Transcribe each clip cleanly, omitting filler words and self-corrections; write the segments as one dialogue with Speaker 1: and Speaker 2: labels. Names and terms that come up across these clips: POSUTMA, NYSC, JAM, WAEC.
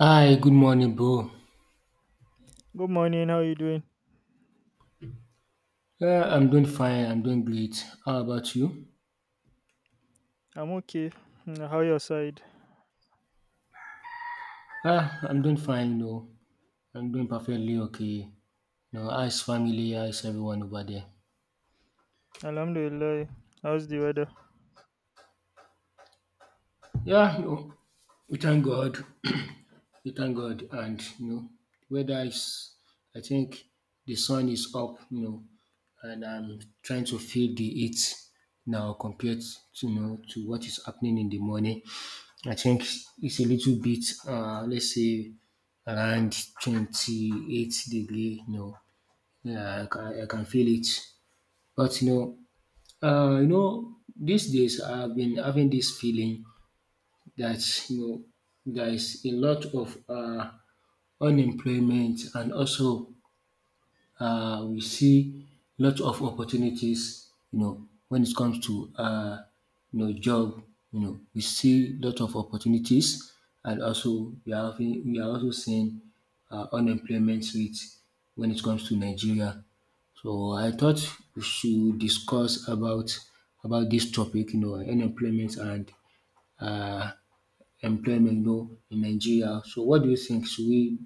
Speaker 1: Hi, good morning, bro.
Speaker 2: Good morning, how are you doing?
Speaker 1: Yeah, I'm doing fine. I'm doing great. How about you?
Speaker 2: I'm okay. How your side?
Speaker 1: Ah, I'm doing fine. I'm doing perfectly okay. How's family? How's everyone over there?
Speaker 2: Alhamdulillah. How's the weather?
Speaker 1: Yeah, we thank God. We thank God. And, weather is, I think the sun is up, and I'm trying to feel the heat now compared to what is happening in the morning. I think it's a little bit, let's say, around 28 degree, Yeah, I can feel it. But, uh, you know, these days I've been having this feeling that there is a lot of unemployment, and also we see lot of opportunities when it comes to job, we see lot of opportunities, and also we are also seeing unemployment rate when it comes to Nigeria. So I thought we should discuss about this topic, unemployment and uh, employment, in Nigeria. So what do you think? Should we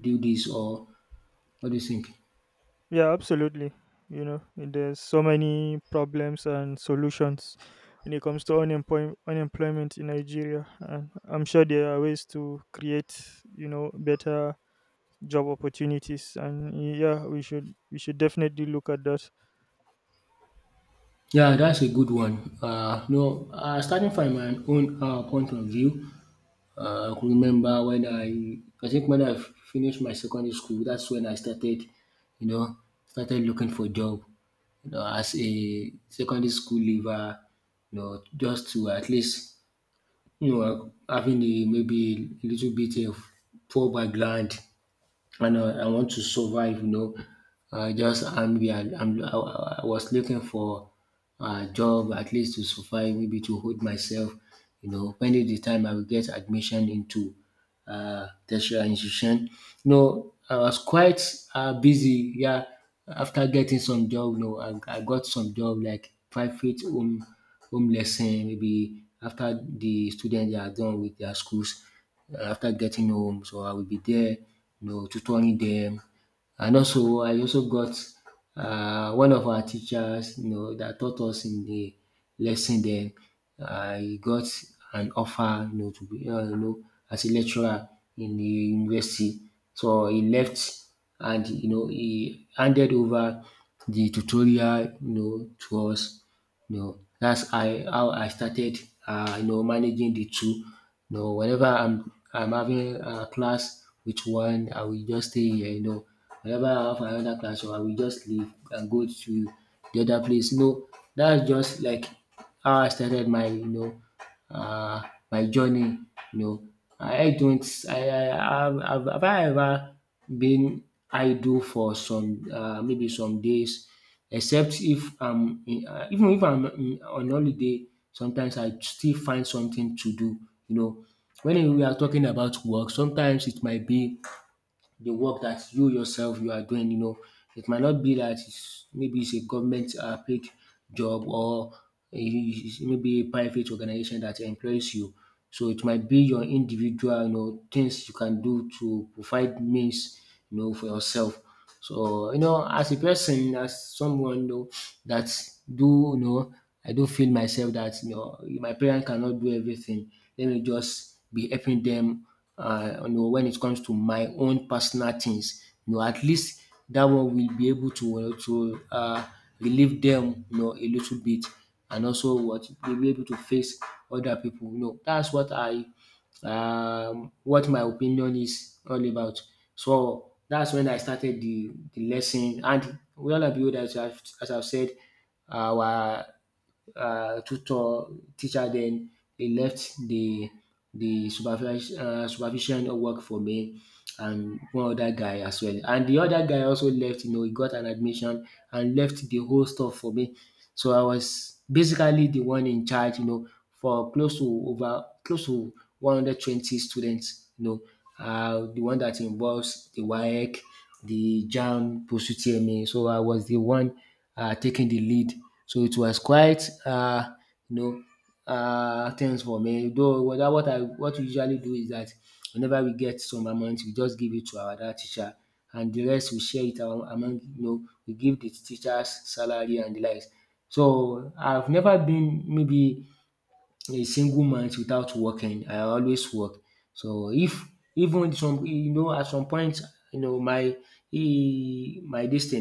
Speaker 1: do this, or what do you think?
Speaker 2: Yeah, absolutely. You know, there's so many problems and solutions when it comes to unemployment in Nigeria, and I'm sure there are ways to create, you know, better job opportunities. And yeah, we should definitely look at that.
Speaker 1: Yeah, that's a good one. No, starting from my own point of view, I could remember I think when I finished my secondary school, that's when I started, you know, started looking for job, as a secondary school leaver, just to at least, having a, maybe a little bit of poor background, and I want to survive. Just hungry. I was looking for a job, at least to survive, maybe to hold myself. When is the time I will get admission into tertiary institution. I was quite busy. Yeah, after getting some job, I got some job like private home lesson. Maybe after the students they are done with their schools, after getting home, so I will be there, tutoring them. And also, I also got one of our teachers, that taught us in the lesson then I got an offer to be as a lecturer in the university. So he left, and he handed over the tutorial, to us. That's I how I started managing the two. Whenever I'm having a class with one, I will just stay here. Whenever I have another class, so I will just leave and go to the other place. No, that's just like how I started my uh, my journey you know. I don't I have I ever been idle for some maybe some days, except if I'm in even if I'm in on holiday, sometimes I still find something to do you know. When we are talking about work, sometimes it might be the work that you yourself you are doing. It might not be that it's, maybe it's a government paid job, or a- maybe a private organization that employs you. So it might be your individual, things you can do to provide means, for yourself. So as a person, as someone that do I do feel myself that my parents cannot do everything. Let me just be helping them. When it comes to my own personal things, at least that one will be able to relieve them, a little bit, and also what they'll be able to face other people. That's what I what my opinion is all about. So that's when I started the lesson. And well and behold, as I've said, our tutor teacher then he left the supervision work for me and one other guy as well. And the other guy also left. He got an admission and left the whole stuff for me. So I was basically the one in charge, for close to, over close to 120 students, the one that involves the WAEC, the JAM, POSUTMA. So I was the one taking the lead. So it was quite, you know, things for me. Though dat what we usually do is that whenever we get some amount, we just give it to our dat teacher, and the rest we share it among we give the teachers salary and the likes. So I've never been maybe a single month without working. I always work. So if even some at some point, my e my dis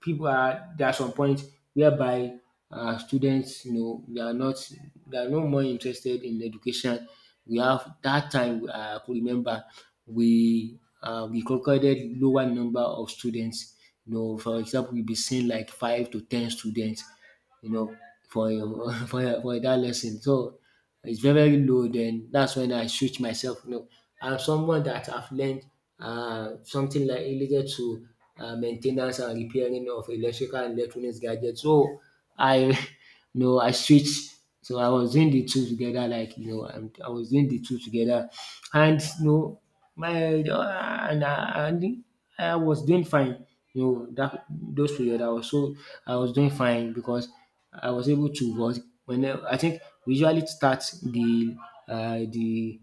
Speaker 1: people are there, are some point whereby students they are not, they are no more interested in education. We have that time, I could remember we recorded lower number of students. For example we be seeing like five to ten students, you know, for for that lesson. So it's very very low. Then that's when I switch myself. I'm someone that I've learned something like related to maintenance and repairing of electrical and electronics gadgets. So I, I switch. So I was doing the two together, like I was doing the two together, and my and I was doing fine. That those period I was doing fine because I was able to work. When I think we usually start the uh, the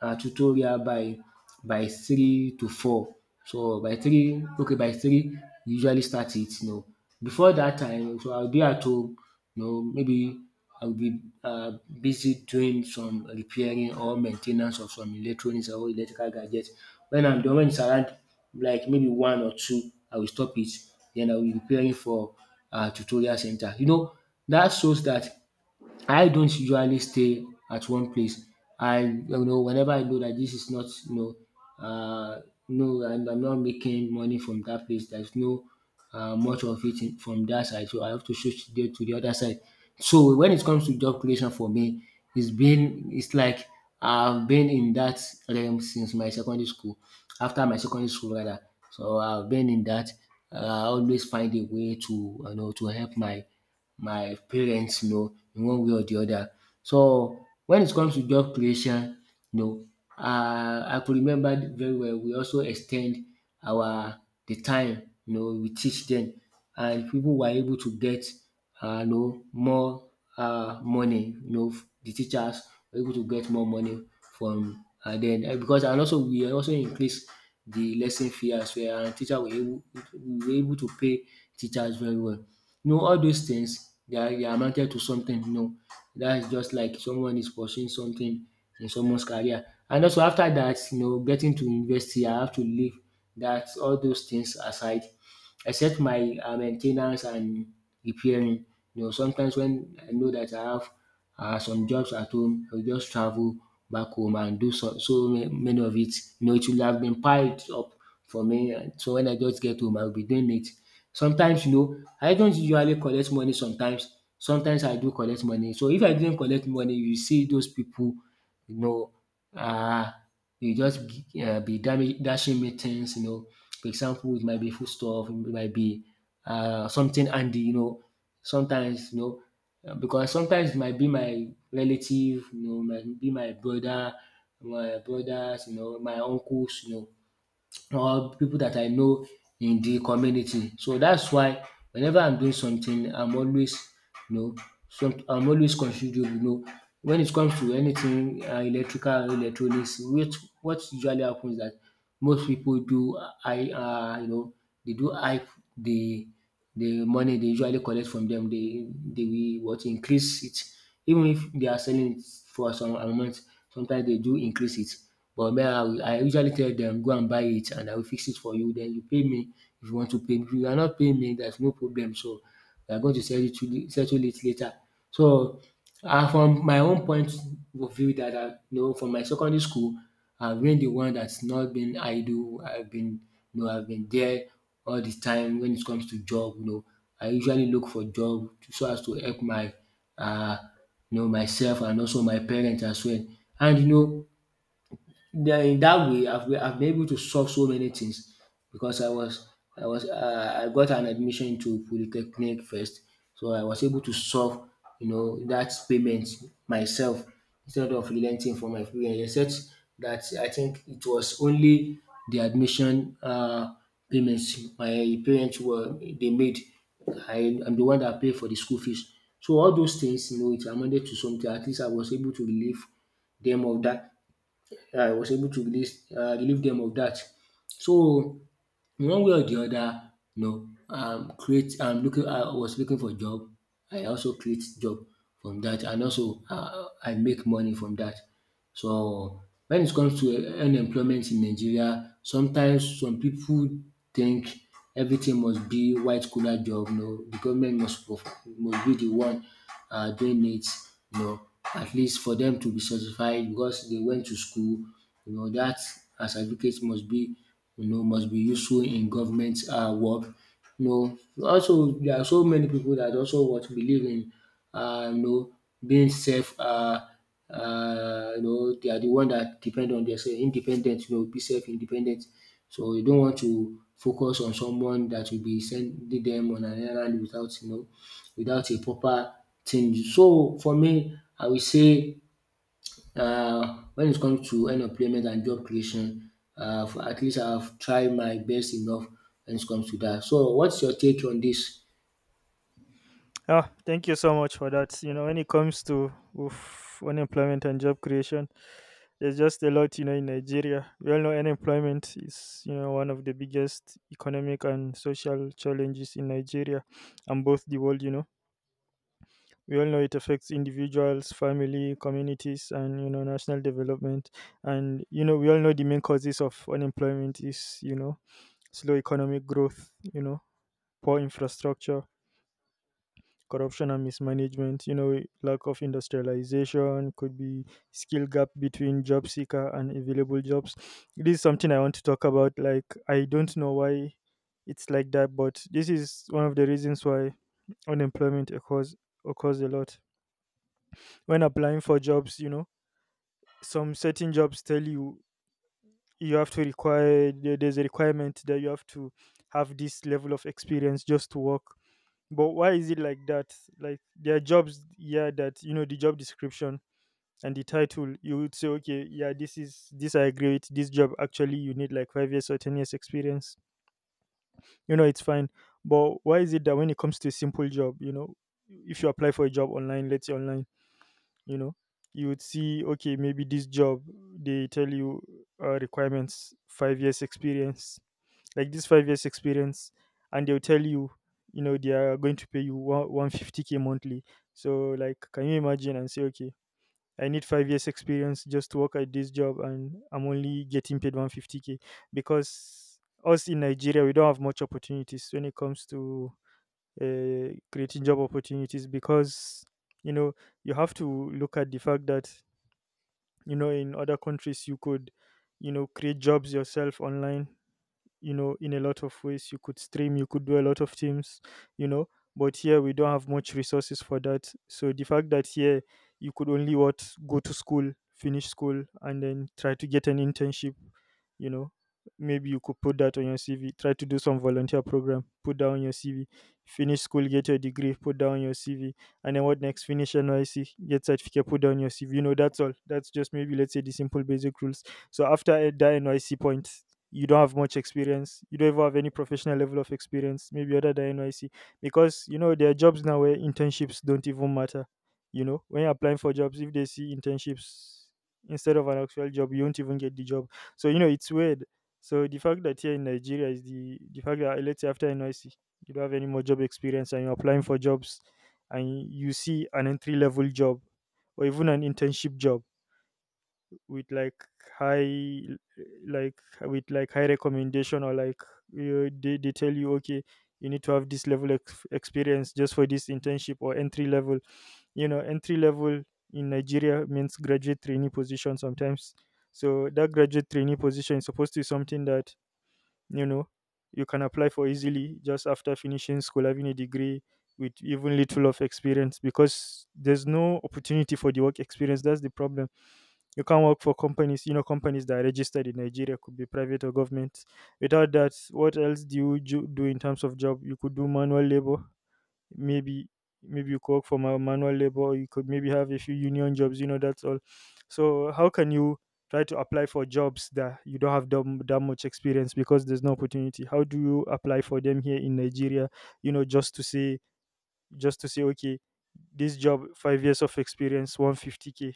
Speaker 1: tutorial by three to four. So by three we usually start it. Before that time, so I'll be at home, maybe I'll be busy doing some repairing or maintenance ten of some electronics or electrical gadget. When I'm done, when it's around like maybe one or two, I will stop it, then I will be preparing for tutorial center. That shows that. I don't usually stay at one place. I whenever I know that this is not no, I'm not making money from that place. There's no much of it from that side, so I have to switch there to the other side. So when it comes to job creation for me, it's been it's like I've been in that realm since my secondary school. After my secondary school rather, so I've been in that. I always find a way to to help my parents in one way or the other. So when it comes to job creation, you know I could remember very well we also extend our the time, we teach them, and people were able to get more money. The teachers were able to get more money from, and then because and also we also increased the lesson fee as well. And teacher were able we were able to pay teachers very well. All those things they amounted to something. That is just like someone is pursuing something in someone's career. And also after that, getting to university, I have to leave that all those things aside except my main and repairing. Sometimes when I know that I have some jobs at home, I'll just travel back home and do so, so many of it. It will have been piled up for me. And so when I just get home, I'll be doing it. Sometimes, I don't usually collect money sometimes. Sometimes I do collect money. So if I didn't collect money, you see those people, you know, uh, you just be dashing me things, for example, it might be foodstuff, it might be something handy. Sometimes, because sometimes it might be my relative, might be my brother, my brothers, my uncles, or people that I know in the community. So that's why whenever I'm doing something, I'm always you know some I'm always considerate. When it comes to anything electrical electronics, which what usually happens is that most people do, I, um you know they do hype the the money they usually collect from them, they will what increase it. Even if they are selling it for some amount, sometimes they do increase it. But me, I usually tell them go and buy it, and I will fix it for you. Then you pay me if you want to pay. If you are not paying me, there's no problem. So we are going to sell it to settle it later. So from my own point of view that I, from my secondary school, I've been the one that's not been idle. I've been there all the time when it comes to job. I usually look for job so as to help my, uh, myself and also my parents as well. And then in that way, I've been able to solve so many things because I got an admission into polytechnic first, so I was able to solve, that payment myself instead of relenting from my parents. Except that I think it was only the admission, payments my parents were they made. I am the one that paid for the school fees. So all those things, it amounted to something. At least I was able to relieve them of that. I was able to release, relieve dem of dat. So in one way or de other, you know create looking I was looking for job. I also create job from dat, and also, I make money from dat. So when it comes to unemployment in Nigeria, sometimes some people think everything must be white collar job. No, the government must must be the one doing it, you know, at least for them to be satisfied because they went to school, that as advocates must be, must be useful in government work. You also there are so many people that also what believe in, um you know being self, they are the one that depend on theirself, independent, be self independent. So you don't want to focus on someone that will be sending them on an errand without, without a proper thing. So for me I will say, when it comes to unemployment and job creation, at least I have tried my best enough when it comes to that. So what's your take on this?
Speaker 2: Yeah, thank you so much for that. You know, when it comes to oof, unemployment and job creation, there's just a lot, you know, in Nigeria. We all know unemployment is, you know, one of the biggest economic and social challenges in Nigeria and both the world, you know. We all know it affects individuals, family, communities, and, you know, national development. And, you know, we all know the main causes of unemployment is, you know, slow economic growth, you know, poor infrastructure, corruption and mismanagement, you know, lack of industrialization, could be skill gap between job seeker and available jobs. This is something I want to talk about. Like, I don't know why it's like that, but this is one of the reasons why unemployment occurs a lot. When applying for jobs, you know, some certain jobs tell you you have to require there's a requirement that you have to have this level of experience just to work. But why is it like that? Like there are jobs, yeah, that you know the job description and the title, you would say, okay, yeah, this is this I agree with. This job actually you need like 5 years or 10 years experience. You know, it's fine. But why is it that when it comes to a simple job, you know, if you apply for a job online, let's say online, you know, you would see, okay, maybe this job they tell you requirements 5 years experience, like this 5 years experience, and they'll tell you, you know, they are going to pay you 150K monthly. So like, can you imagine and say, okay, I need 5 years experience just to work at this job and I'm only getting paid 150K? Because us in Nigeria, we don't have much opportunities when it comes to creating job opportunities. Because, you know, you have to look at the fact that, you know, in other countries you could, you know, create jobs yourself online, you know, in a lot of ways. You could stream, you could do a lot of things, you know. But here we don't have much resources for that. So the fact that here you could only what, go to school, finish school, and then try to get an internship. You know, maybe you could put that on your CV, try to do some volunteer program, put down your CV, finish school, get your degree, put down your CV. And then what next? Finish NYC, get certificate, put down your CV. You know, that's all. That's just maybe, let's say, the simple basic rules. So after that NYC point, you don't have much experience, you don't even have any professional level of experience, maybe other than NYC. Because, you know, there are jobs now where internships don't even matter. You know, when you're applying for jobs, if they see internships instead of an actual job, you won't even get the job. So, you know, it's weird. So the fact that here in Nigeria is the fact that, let's say after NYC, you don't have any more job experience, and you're applying for jobs, and you see an entry level job, or even an internship job, with like high, like with like high recommendation, or like, they tell you, okay, you need to have this level of experience just for this internship or entry level. You know, entry level in Nigeria means graduate trainee position sometimes. So that graduate trainee position is supposed to be something that, you know, you can apply for easily just after finishing school, having a degree, with even little of experience. Because there's no opportunity for the work experience, that's the problem. You can't work for companies, you know, companies that are registered in Nigeria, could be private or government. Without that, what else do you do in terms of job? You could do manual labor, maybe. Maybe you could work for manual labor, or you could maybe have a few union jobs, you know. That's all. So how can you try to apply for jobs that you don't have that much experience, because there's no opportunity? How do you apply for them here in Nigeria, you know? Just to say, okay, this job, 5 years of experience, 150K.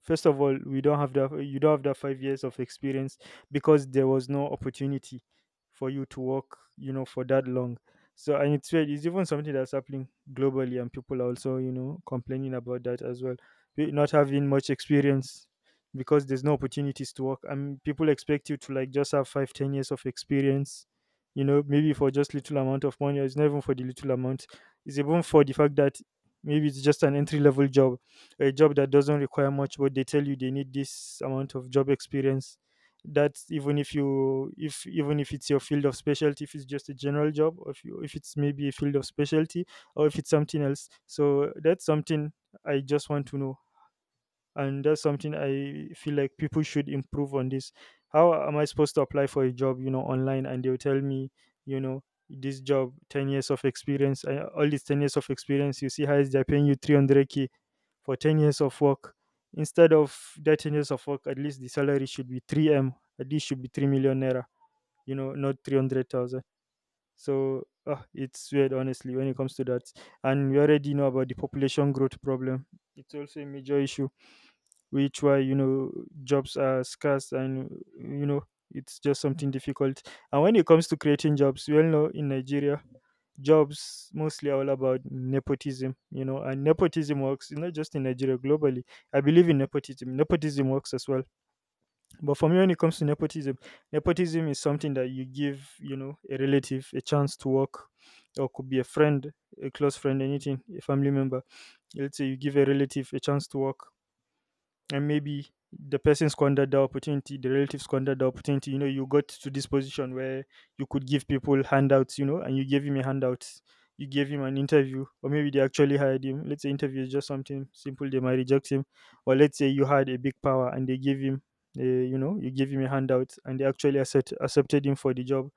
Speaker 2: First of all, we don't have that, you don't have that 5 years of experience, because there was no opportunity for you to work, you know, for that long. So, and it's weird, it's even something that's happening globally, and people are also, you know, complaining about that as well. Not having much experience, because there's no opportunities to work. I mean, people expect you to like just have five, 10 years of experience, you know, maybe for just little amount of money, or it's not even for the little amount. It's even for the fact that maybe it's just an entry level job, a job that doesn't require much, but they tell you they need this amount of job experience. That's even if, you if even if it's your field of specialty, if it's just a general job, or if you, if it's maybe a field of specialty, or if it's something else. So that's something I just want to know, and that's something I feel like people should improve on. This, how am I supposed to apply for a job, you know, online, and they'll tell me, you know, this job, 10 years of experience, all these 10 years of experience? You see how? Is they're paying you 300K for 10 years of work. Instead of that 10 years of work, at least the salary should be 3M, at least should be 3 million naira, you know, not 300,000. So ah, it's weird, honestly, when it comes to that. And we already know about the population growth problem, it's also a major issue, which why, you know, jobs are scarce. And, you know, it's just something difficult. And when it comes to creating jobs, we all know in Nigeria jobs mostly are all about nepotism. You know, and nepotism works not just in Nigeria, globally, I believe. In nepotism, nepotism works as well. But for me, when it comes to nepotism, nepotism is something that you give, you know, a relative a chance to work, or could be a friend, a close friend, anything, a family member. Let's say you give a relative a chance to work, and maybe the person squandered the opportunity, the relative squandered the opportunity. You know, you got to this position where you could give people handouts, you know, and you gave him a handout. You gave him an interview, or maybe they actually hired him. Let's say interview is just something simple, they might reject him. Or let's say you had a big power and they gave him, a, you know, you gave him a handout and they actually accepted him for the job.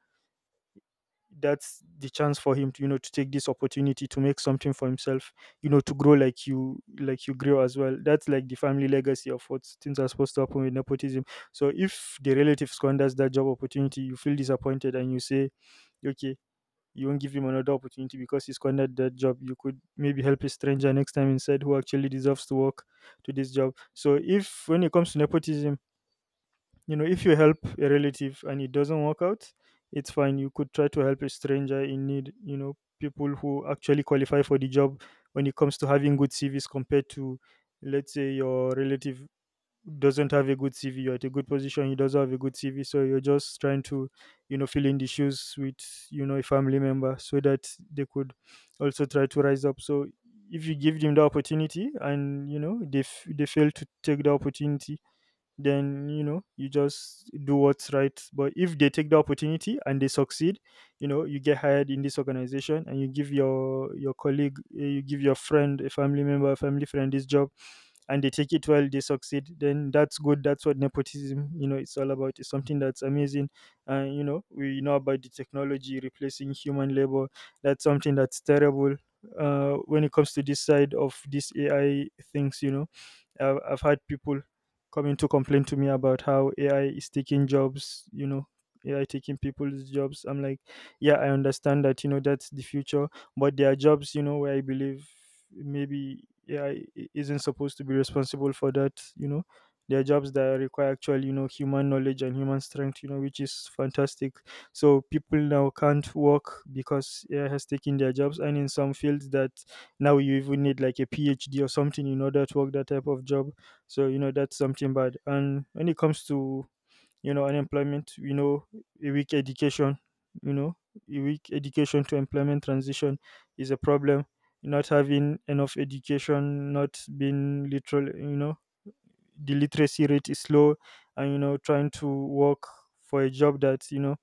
Speaker 2: That's the chance for him to, you know, to take this opportunity to make something for himself, you know, to grow, like you grow as well. That's like the family legacy of what things are supposed to happen with nepotism. So if the relative squanders that job opportunity, you feel disappointed, and you say, okay, you won't give him another opportunity because he squandered that job. You could maybe help a stranger next time instead, who actually deserves to work, to this job. So if, when it comes to nepotism, you know, if you help a relative and it doesn't work out, it's fine. You could try to help a stranger in need. You know, people who actually qualify for the job when it comes to having good CVs compared to, let's say, your relative doesn't have a good CV. You're at a good position, he doesn't have a good CV, so you're just trying to, you know, fill in the shoes with, you know, a family member so that they could also try to rise up. So if you give them the opportunity and they fail to take the opportunity, then you just do what's right. But if they take the opportunity and they succeed, you get hired in this organization, and you give your colleague, you give your friend, a family member, a family friend this job, and they take it, well, they succeed, then that's good. That's what nepotism it's all about. It's something that's amazing. And we know about the technology replacing human labor. That's something that's terrible, when it comes to this side of this AI things. I've had people coming to complain to me about how AI is taking jobs, AI taking people's jobs. I'm like, yeah, I understand that, that's the future, but there are jobs, where I believe maybe AI isn't supposed to be responsible for that. There are jobs that require actual, human knowledge and human strength, which is fantastic. So people now can't work because AI has taken their jobs, and in some fields that now you even need like a PhD or something in order to work that type of job. So that's something bad. And when it comes to unemployment, a weak education, you know a weak education to employment transition is a problem. Not having enough education, not being literal, the literacy rate is low, and trying to work for a job that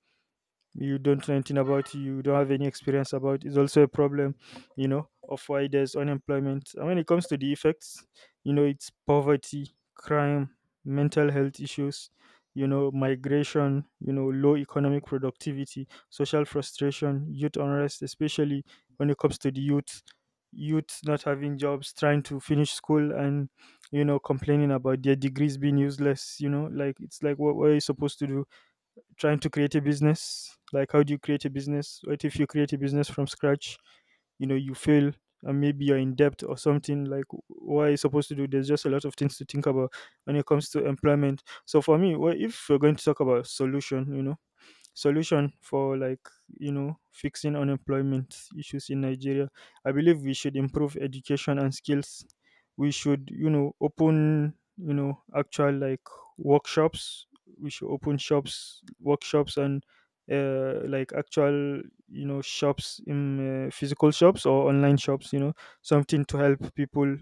Speaker 2: you don't know anything about, you don't have any experience about, is also a problem, of why there's unemployment. And when it comes to the effects, it's poverty, crime, mental health issues, migration, low economic productivity, social frustration, youth unrest, especially when it comes to the youth. Youth not having jobs, trying to finish school, and complaining about their degrees being useless, like it's like what are you supposed to do, trying to create a business, like how do you create a business, what if you create a business from scratch, you fail and maybe you're in debt or something, like what are you supposed to do? There's just a lot of things to think about when it comes to employment. So for me, well, if we're going to talk about solution, solution for like fixing unemployment issues in Nigeria, I believe we should improve education and skills. We should open actual like workshops. We should open shops, workshops, and like actual, shops in physical shops or online shops. You know, something to help people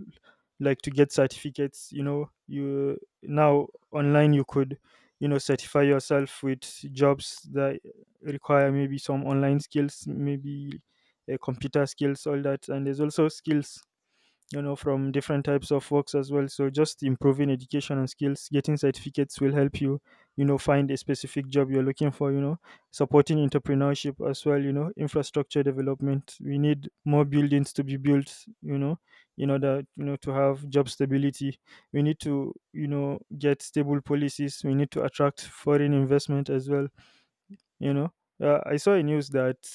Speaker 2: like to get certificates. You know, you now online, you could certify yourself with jobs that require maybe some online skills, maybe computer skills, all that. And there's also skills, from different types of works as well. So just improving education and skills, getting certificates, will help you you know find a specific job you're looking for. Supporting entrepreneurship as well, infrastructure development, we need more buildings to be built, in order to have job stability. We need to get stable policies. We need to attract foreign investment as well. you know, I saw a news that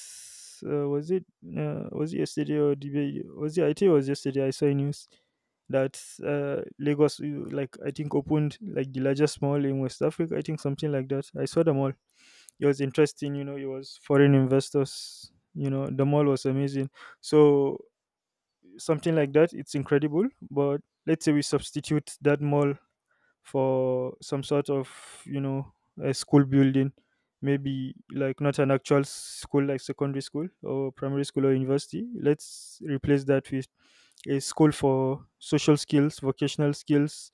Speaker 2: uh, was it was it yesterday, or the day- was it I think it was yesterday. I saw a news that, Lagos, like I think opened like the largest mall in West Africa. I think something like that. I saw the mall. It was interesting. You know, it was foreign investors. You know, the mall was amazing. So something like that, it's incredible. But let's say we substitute that mall for some sort of, you know a school building. Maybe like not an actual school, like secondary school or primary school or university. Let's replace that with a school for social skills, vocational skills,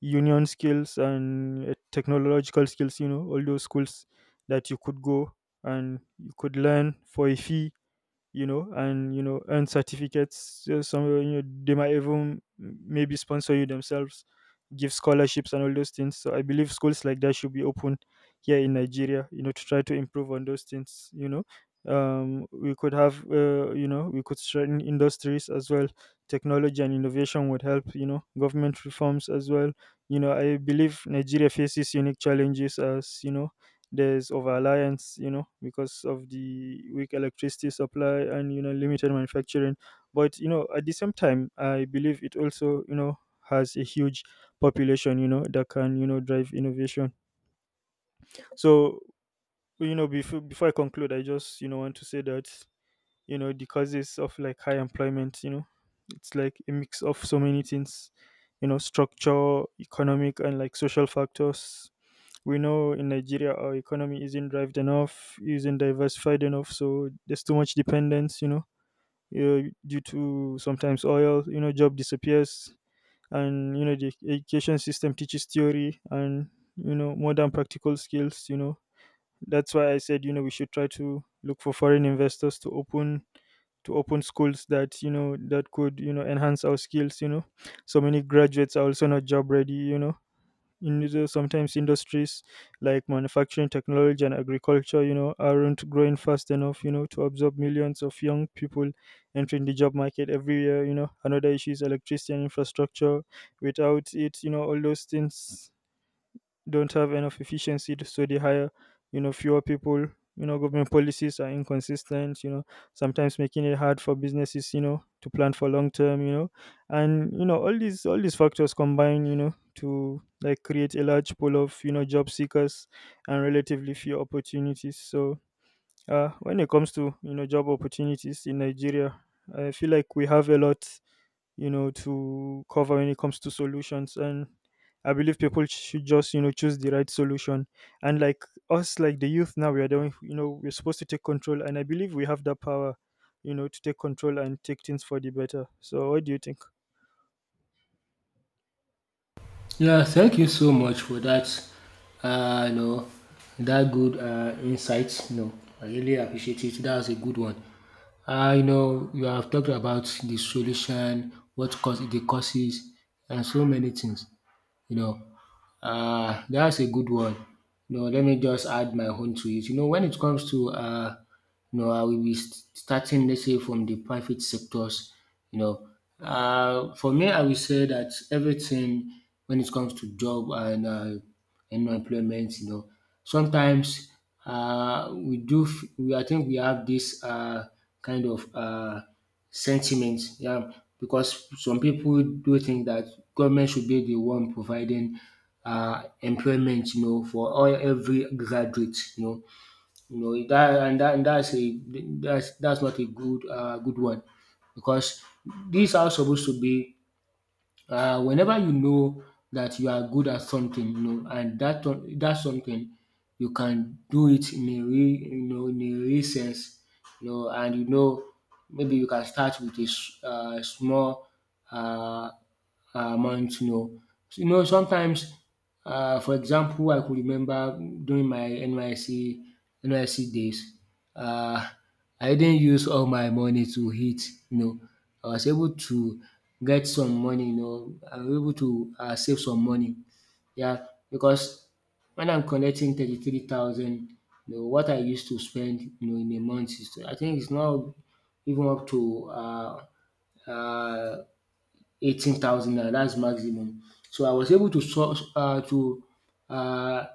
Speaker 2: union skills, and technological skills, all those schools that you could go and you could learn for a fee, and earn certificates. Some they might even maybe sponsor you themselves, give scholarships and all those things. So I believe schools like that should be open here in Nigeria, you know, to try to improve on those things. We could have, we could strengthen industries as well. Technology and innovation would help. You know, government reforms as well. You know, I believe Nigeria faces unique challenges, as there's over reliance, you know, because of the weak electricity supply and limited manufacturing. But you know, at the same time, I believe it also has a huge population, you know, that can drive innovation. So, you know, before I conclude, I just want to say that the causes of like high employment, you know, it's like a mix of so many things, you know, structure, economic, and like social factors. We know in Nigeria our economy isn't driven enough, isn't diversified enough, so there's too much dependence, you know, due to sometimes oil, you know, job disappears, and the education system teaches theory and more than practical skills, you know. That's why I said we should try to look for foreign investors to open schools that that could enhance our skills, you know. So many graduates are also not job ready, you know, in Niger. Sometimes industries like manufacturing, technology, and agriculture, you know, aren't growing fast enough, you know, to absorb millions of young people entering the job market every year. You know, another issue is electricity and infrastructure. Without it, you know, all those things don't have enough efficiency, so they hire, you know, fewer people. You know, government policies are inconsistent. You know, sometimes making it hard for businesses, you know, to plan for long term. You know, and all these factors combine, you know, to like create a large pool of job seekers and relatively few opportunities. So, when it comes to job opportunities in Nigeria, I feel like we have a lot to cover when it comes to solutions. And I believe people should just choose the right solution, and like us, like the youth now, we are doing, we're supposed to take control, and I believe we have that power to take control and take things for the better. So what do you think?
Speaker 1: Yeah, thank you so much for that. Uh, you know, that good, insight. I really appreciate it. That was a good one. You have talked about the solution, what cause the causes, and so many things. You know, that's a good one. Let me just add my own to it. When it comes to, I will be starting, let's say, from the private sectors. You know, for me, I will say that everything when it comes to job and, and employment, sometimes, we do. F- We I think we have this, kind of. Sentiment. Yeah, because some people do think that government should be the one providing, employment, for all every graduate, that and that, and that's not a good, good one, because these are supposed to be, whenever, that you are good at something, and that something you can do it in a real, in a real sense, and, maybe you can start with a small, uh, month, So, sometimes, for example I could remember during my NYSC NYSC days, um I didn't use all my money to hit, you know. I was able to get some money, I was able to, save some money. Yeah, because when I'm collecting 33,000, what I used to spend, in a month is, I think, it's now even up to, um 18,000 naira, that's maximum. So I was able to source um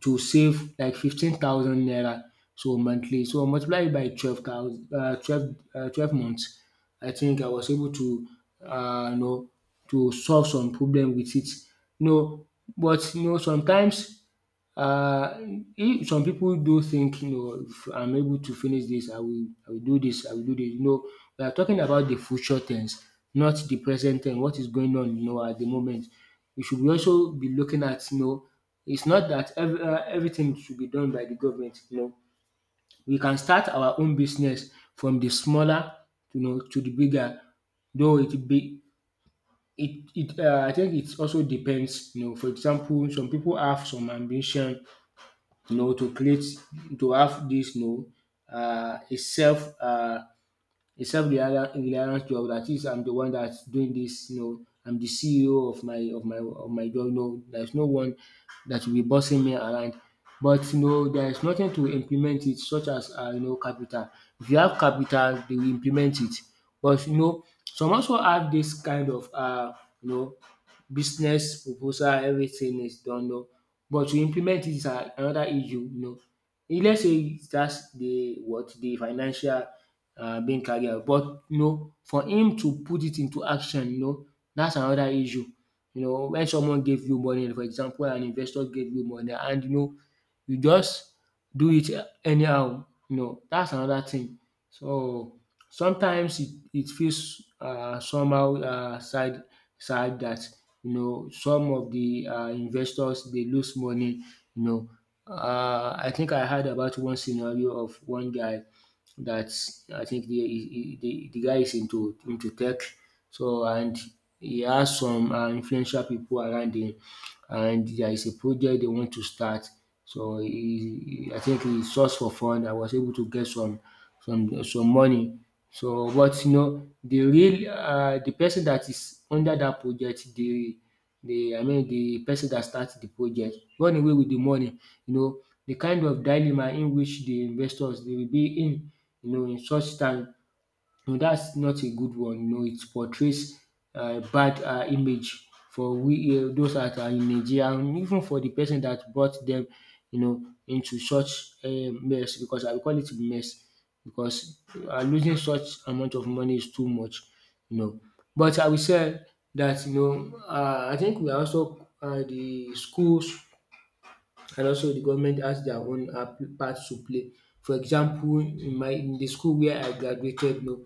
Speaker 1: to save like 15,000 naira so monthly. So multiply it by 12,000, 12, 12 months, I think I was able to you know to solve some problem with it. No, but, sometimes, uh, if some people do think, if I'm able to finish this, I will do this, I will do this. We are talking about the future tense, not the present tense. What is going on, at the moment. We should be also be looking at, it's not that every, everything should be done by the government. We can start our own business from the smaller, to the bigger. Though it be it it I think it also depends. For example, some people have some ambition, to create, to have this, a self-reliance job, that is I'm the one that's doing this, I'm the CEO of my job. There's no one that will be bossing me around. But, there is nothing to implement it, such as, capital. If you have capital, they will implement it. But, some also have this kind of, you know, business proposal, everything is done. But to implement it is another issue. If let's say that's the what the financial, being carried out, but, for him to put it into action, that's another issue. When someone gave you money, for example an investor gave you money, and, you just do it anyhow, that's another thing. So sometimes it feels, somehow, sad, that, some of the, investors they lose money, you know. I think I heard about one scenario of one guy that, I think, the he the guy is into tech, so and he has some, influential people around him, and there is a project they want to start. So he, I think, he sourced for fund and was able to get some money. So but, the real, the person that is under that project, I mean the person that start the project run away with the money. You know the kind of dilemma in which the investors they will be in, in such time. No, that's not a good one. No, it portrays a bad, image for we, those that are in Nigeria, and even for the person that brought them, into such a mess, because I will call it mess because, losing such amount of money is too much, you know. But I will say that, I think we are also, the schools and also the government has their own, part to play. For example, in my in the school where I graduated. No.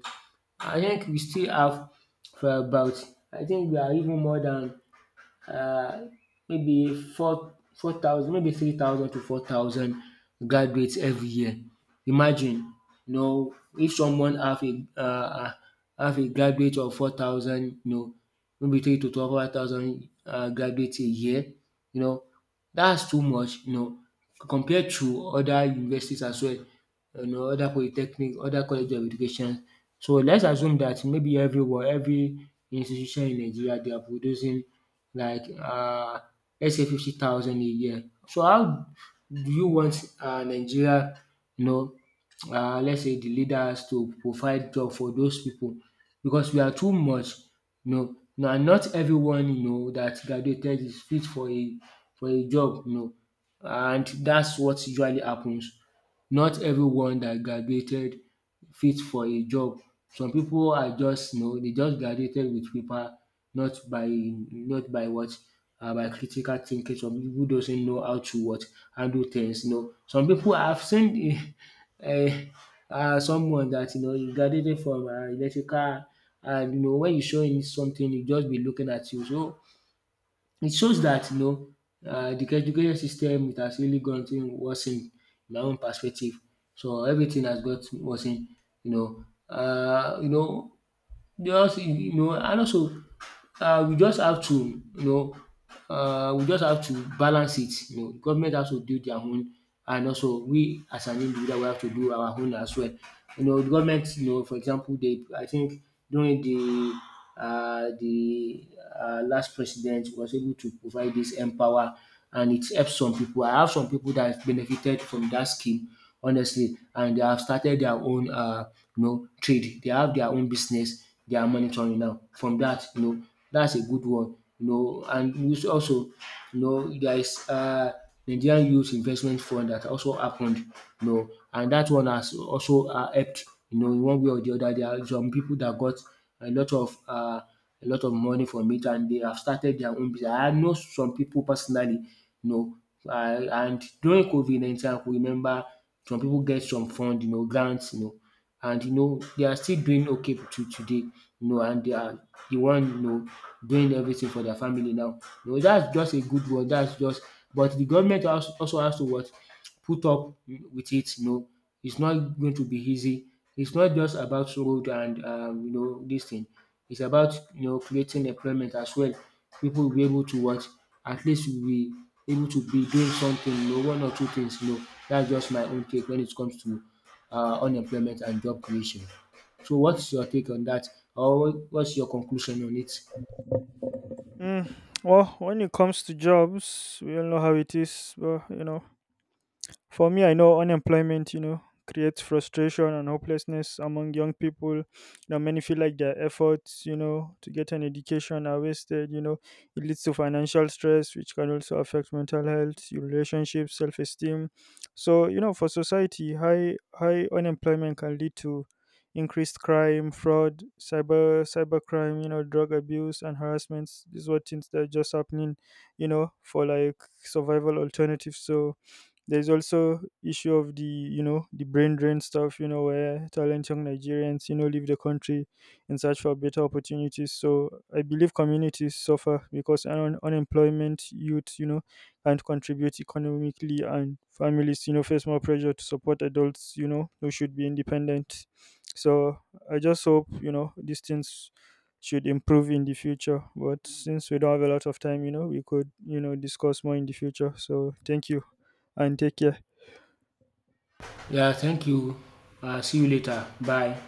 Speaker 1: I think we still have, for about, I think we are even more than, uh, maybe four four thousand, maybe 3,000 to 4,000 graduates every year. Imagine, if someone have a graduate of 4,000, maybe 3 to 12,000, graduates a year, you know that's too much, compared to other universities as well, other polytechnics, other college of education. So let's assume that maybe everywhere every institution in Nigeria they are producing like, let's say 50,000 a year. So how do you want, Nigeria, you know let's say the leaders to provide job for those people, because we are too much. Now, not everyone, that graduated is fit for a, job, and that's what usually happens. Not everyone that graduated fit for a job. Some people are just, they just graduated with paper, not by, not by what by critical thinking. Some people doesn't know how to what handle things, Some people I've seen uh, someone that, he graduated from, electrical, and, when you show him something he just be looking at you. So it shows that, the education system it has really gone to worsen, in my own perspective. So everything has got worsen, you know. Uh, you know, they also, and also, we just have to, we just have to balance it, government has to do their own, and also we as an individual we have to do our own as well. The government, for example they, I think, during the last president, was able to provide this empower, and it help some people. I have some people that have benefited from that scheme, honestly, and they have started their own, trade. They have their own business they are monitoring now. From that, that's a good one, and which also, there is, Nigerian Youth Investment Fund that also happened, and that one has also, helped, in one way or the other. There are some people that got a lot of uh a lot of money from it, and they have started their own business. I know some people personally, you know and during COVID 19 I could remember some people get some fund, grants, and, they are still doing okay to today, and they are the one, doing everything for their family now. That's just a good word. That's just, but the government also has to what? Put up with it, It's not going to be easy. It's not just about road and, this thing. It's about, creating employment as well. People will be able to what, at least will be able to be doing something, one or two things. That's just my own take when it comes to, unemployment and job creation. So what's your take on that, or what's your conclusion on it?
Speaker 2: mm, well, when it comes to jobs, we all know how it is, but you know, for me, I know unemployment, you know, creates frustration and hopelessness among young people. You know, many feel like their efforts, you know, to get an education are wasted. You know, it leads to financial stress, which can also affect mental health, your relationships, self-esteem. So, you know, for society, high unemployment can lead to increased crime, fraud, cybercrime, you know, drug abuse and harassments. These were things that are just happening, you know, for like survival alternatives. So there's also issue of the brain drain stuff, you know, where talent young Nigerians leave the country in search for better opportunities. So I believe communities suffer because unemployment youth can't contribute economically, and families face more pressure to support adults who should be independent. So I just hope these things should improve in the future. But since we don't have a lot of time, you know, we could, you know, discuss more in the future. So thank you and take care.
Speaker 1: Yeah, thank you. See you later. Bye.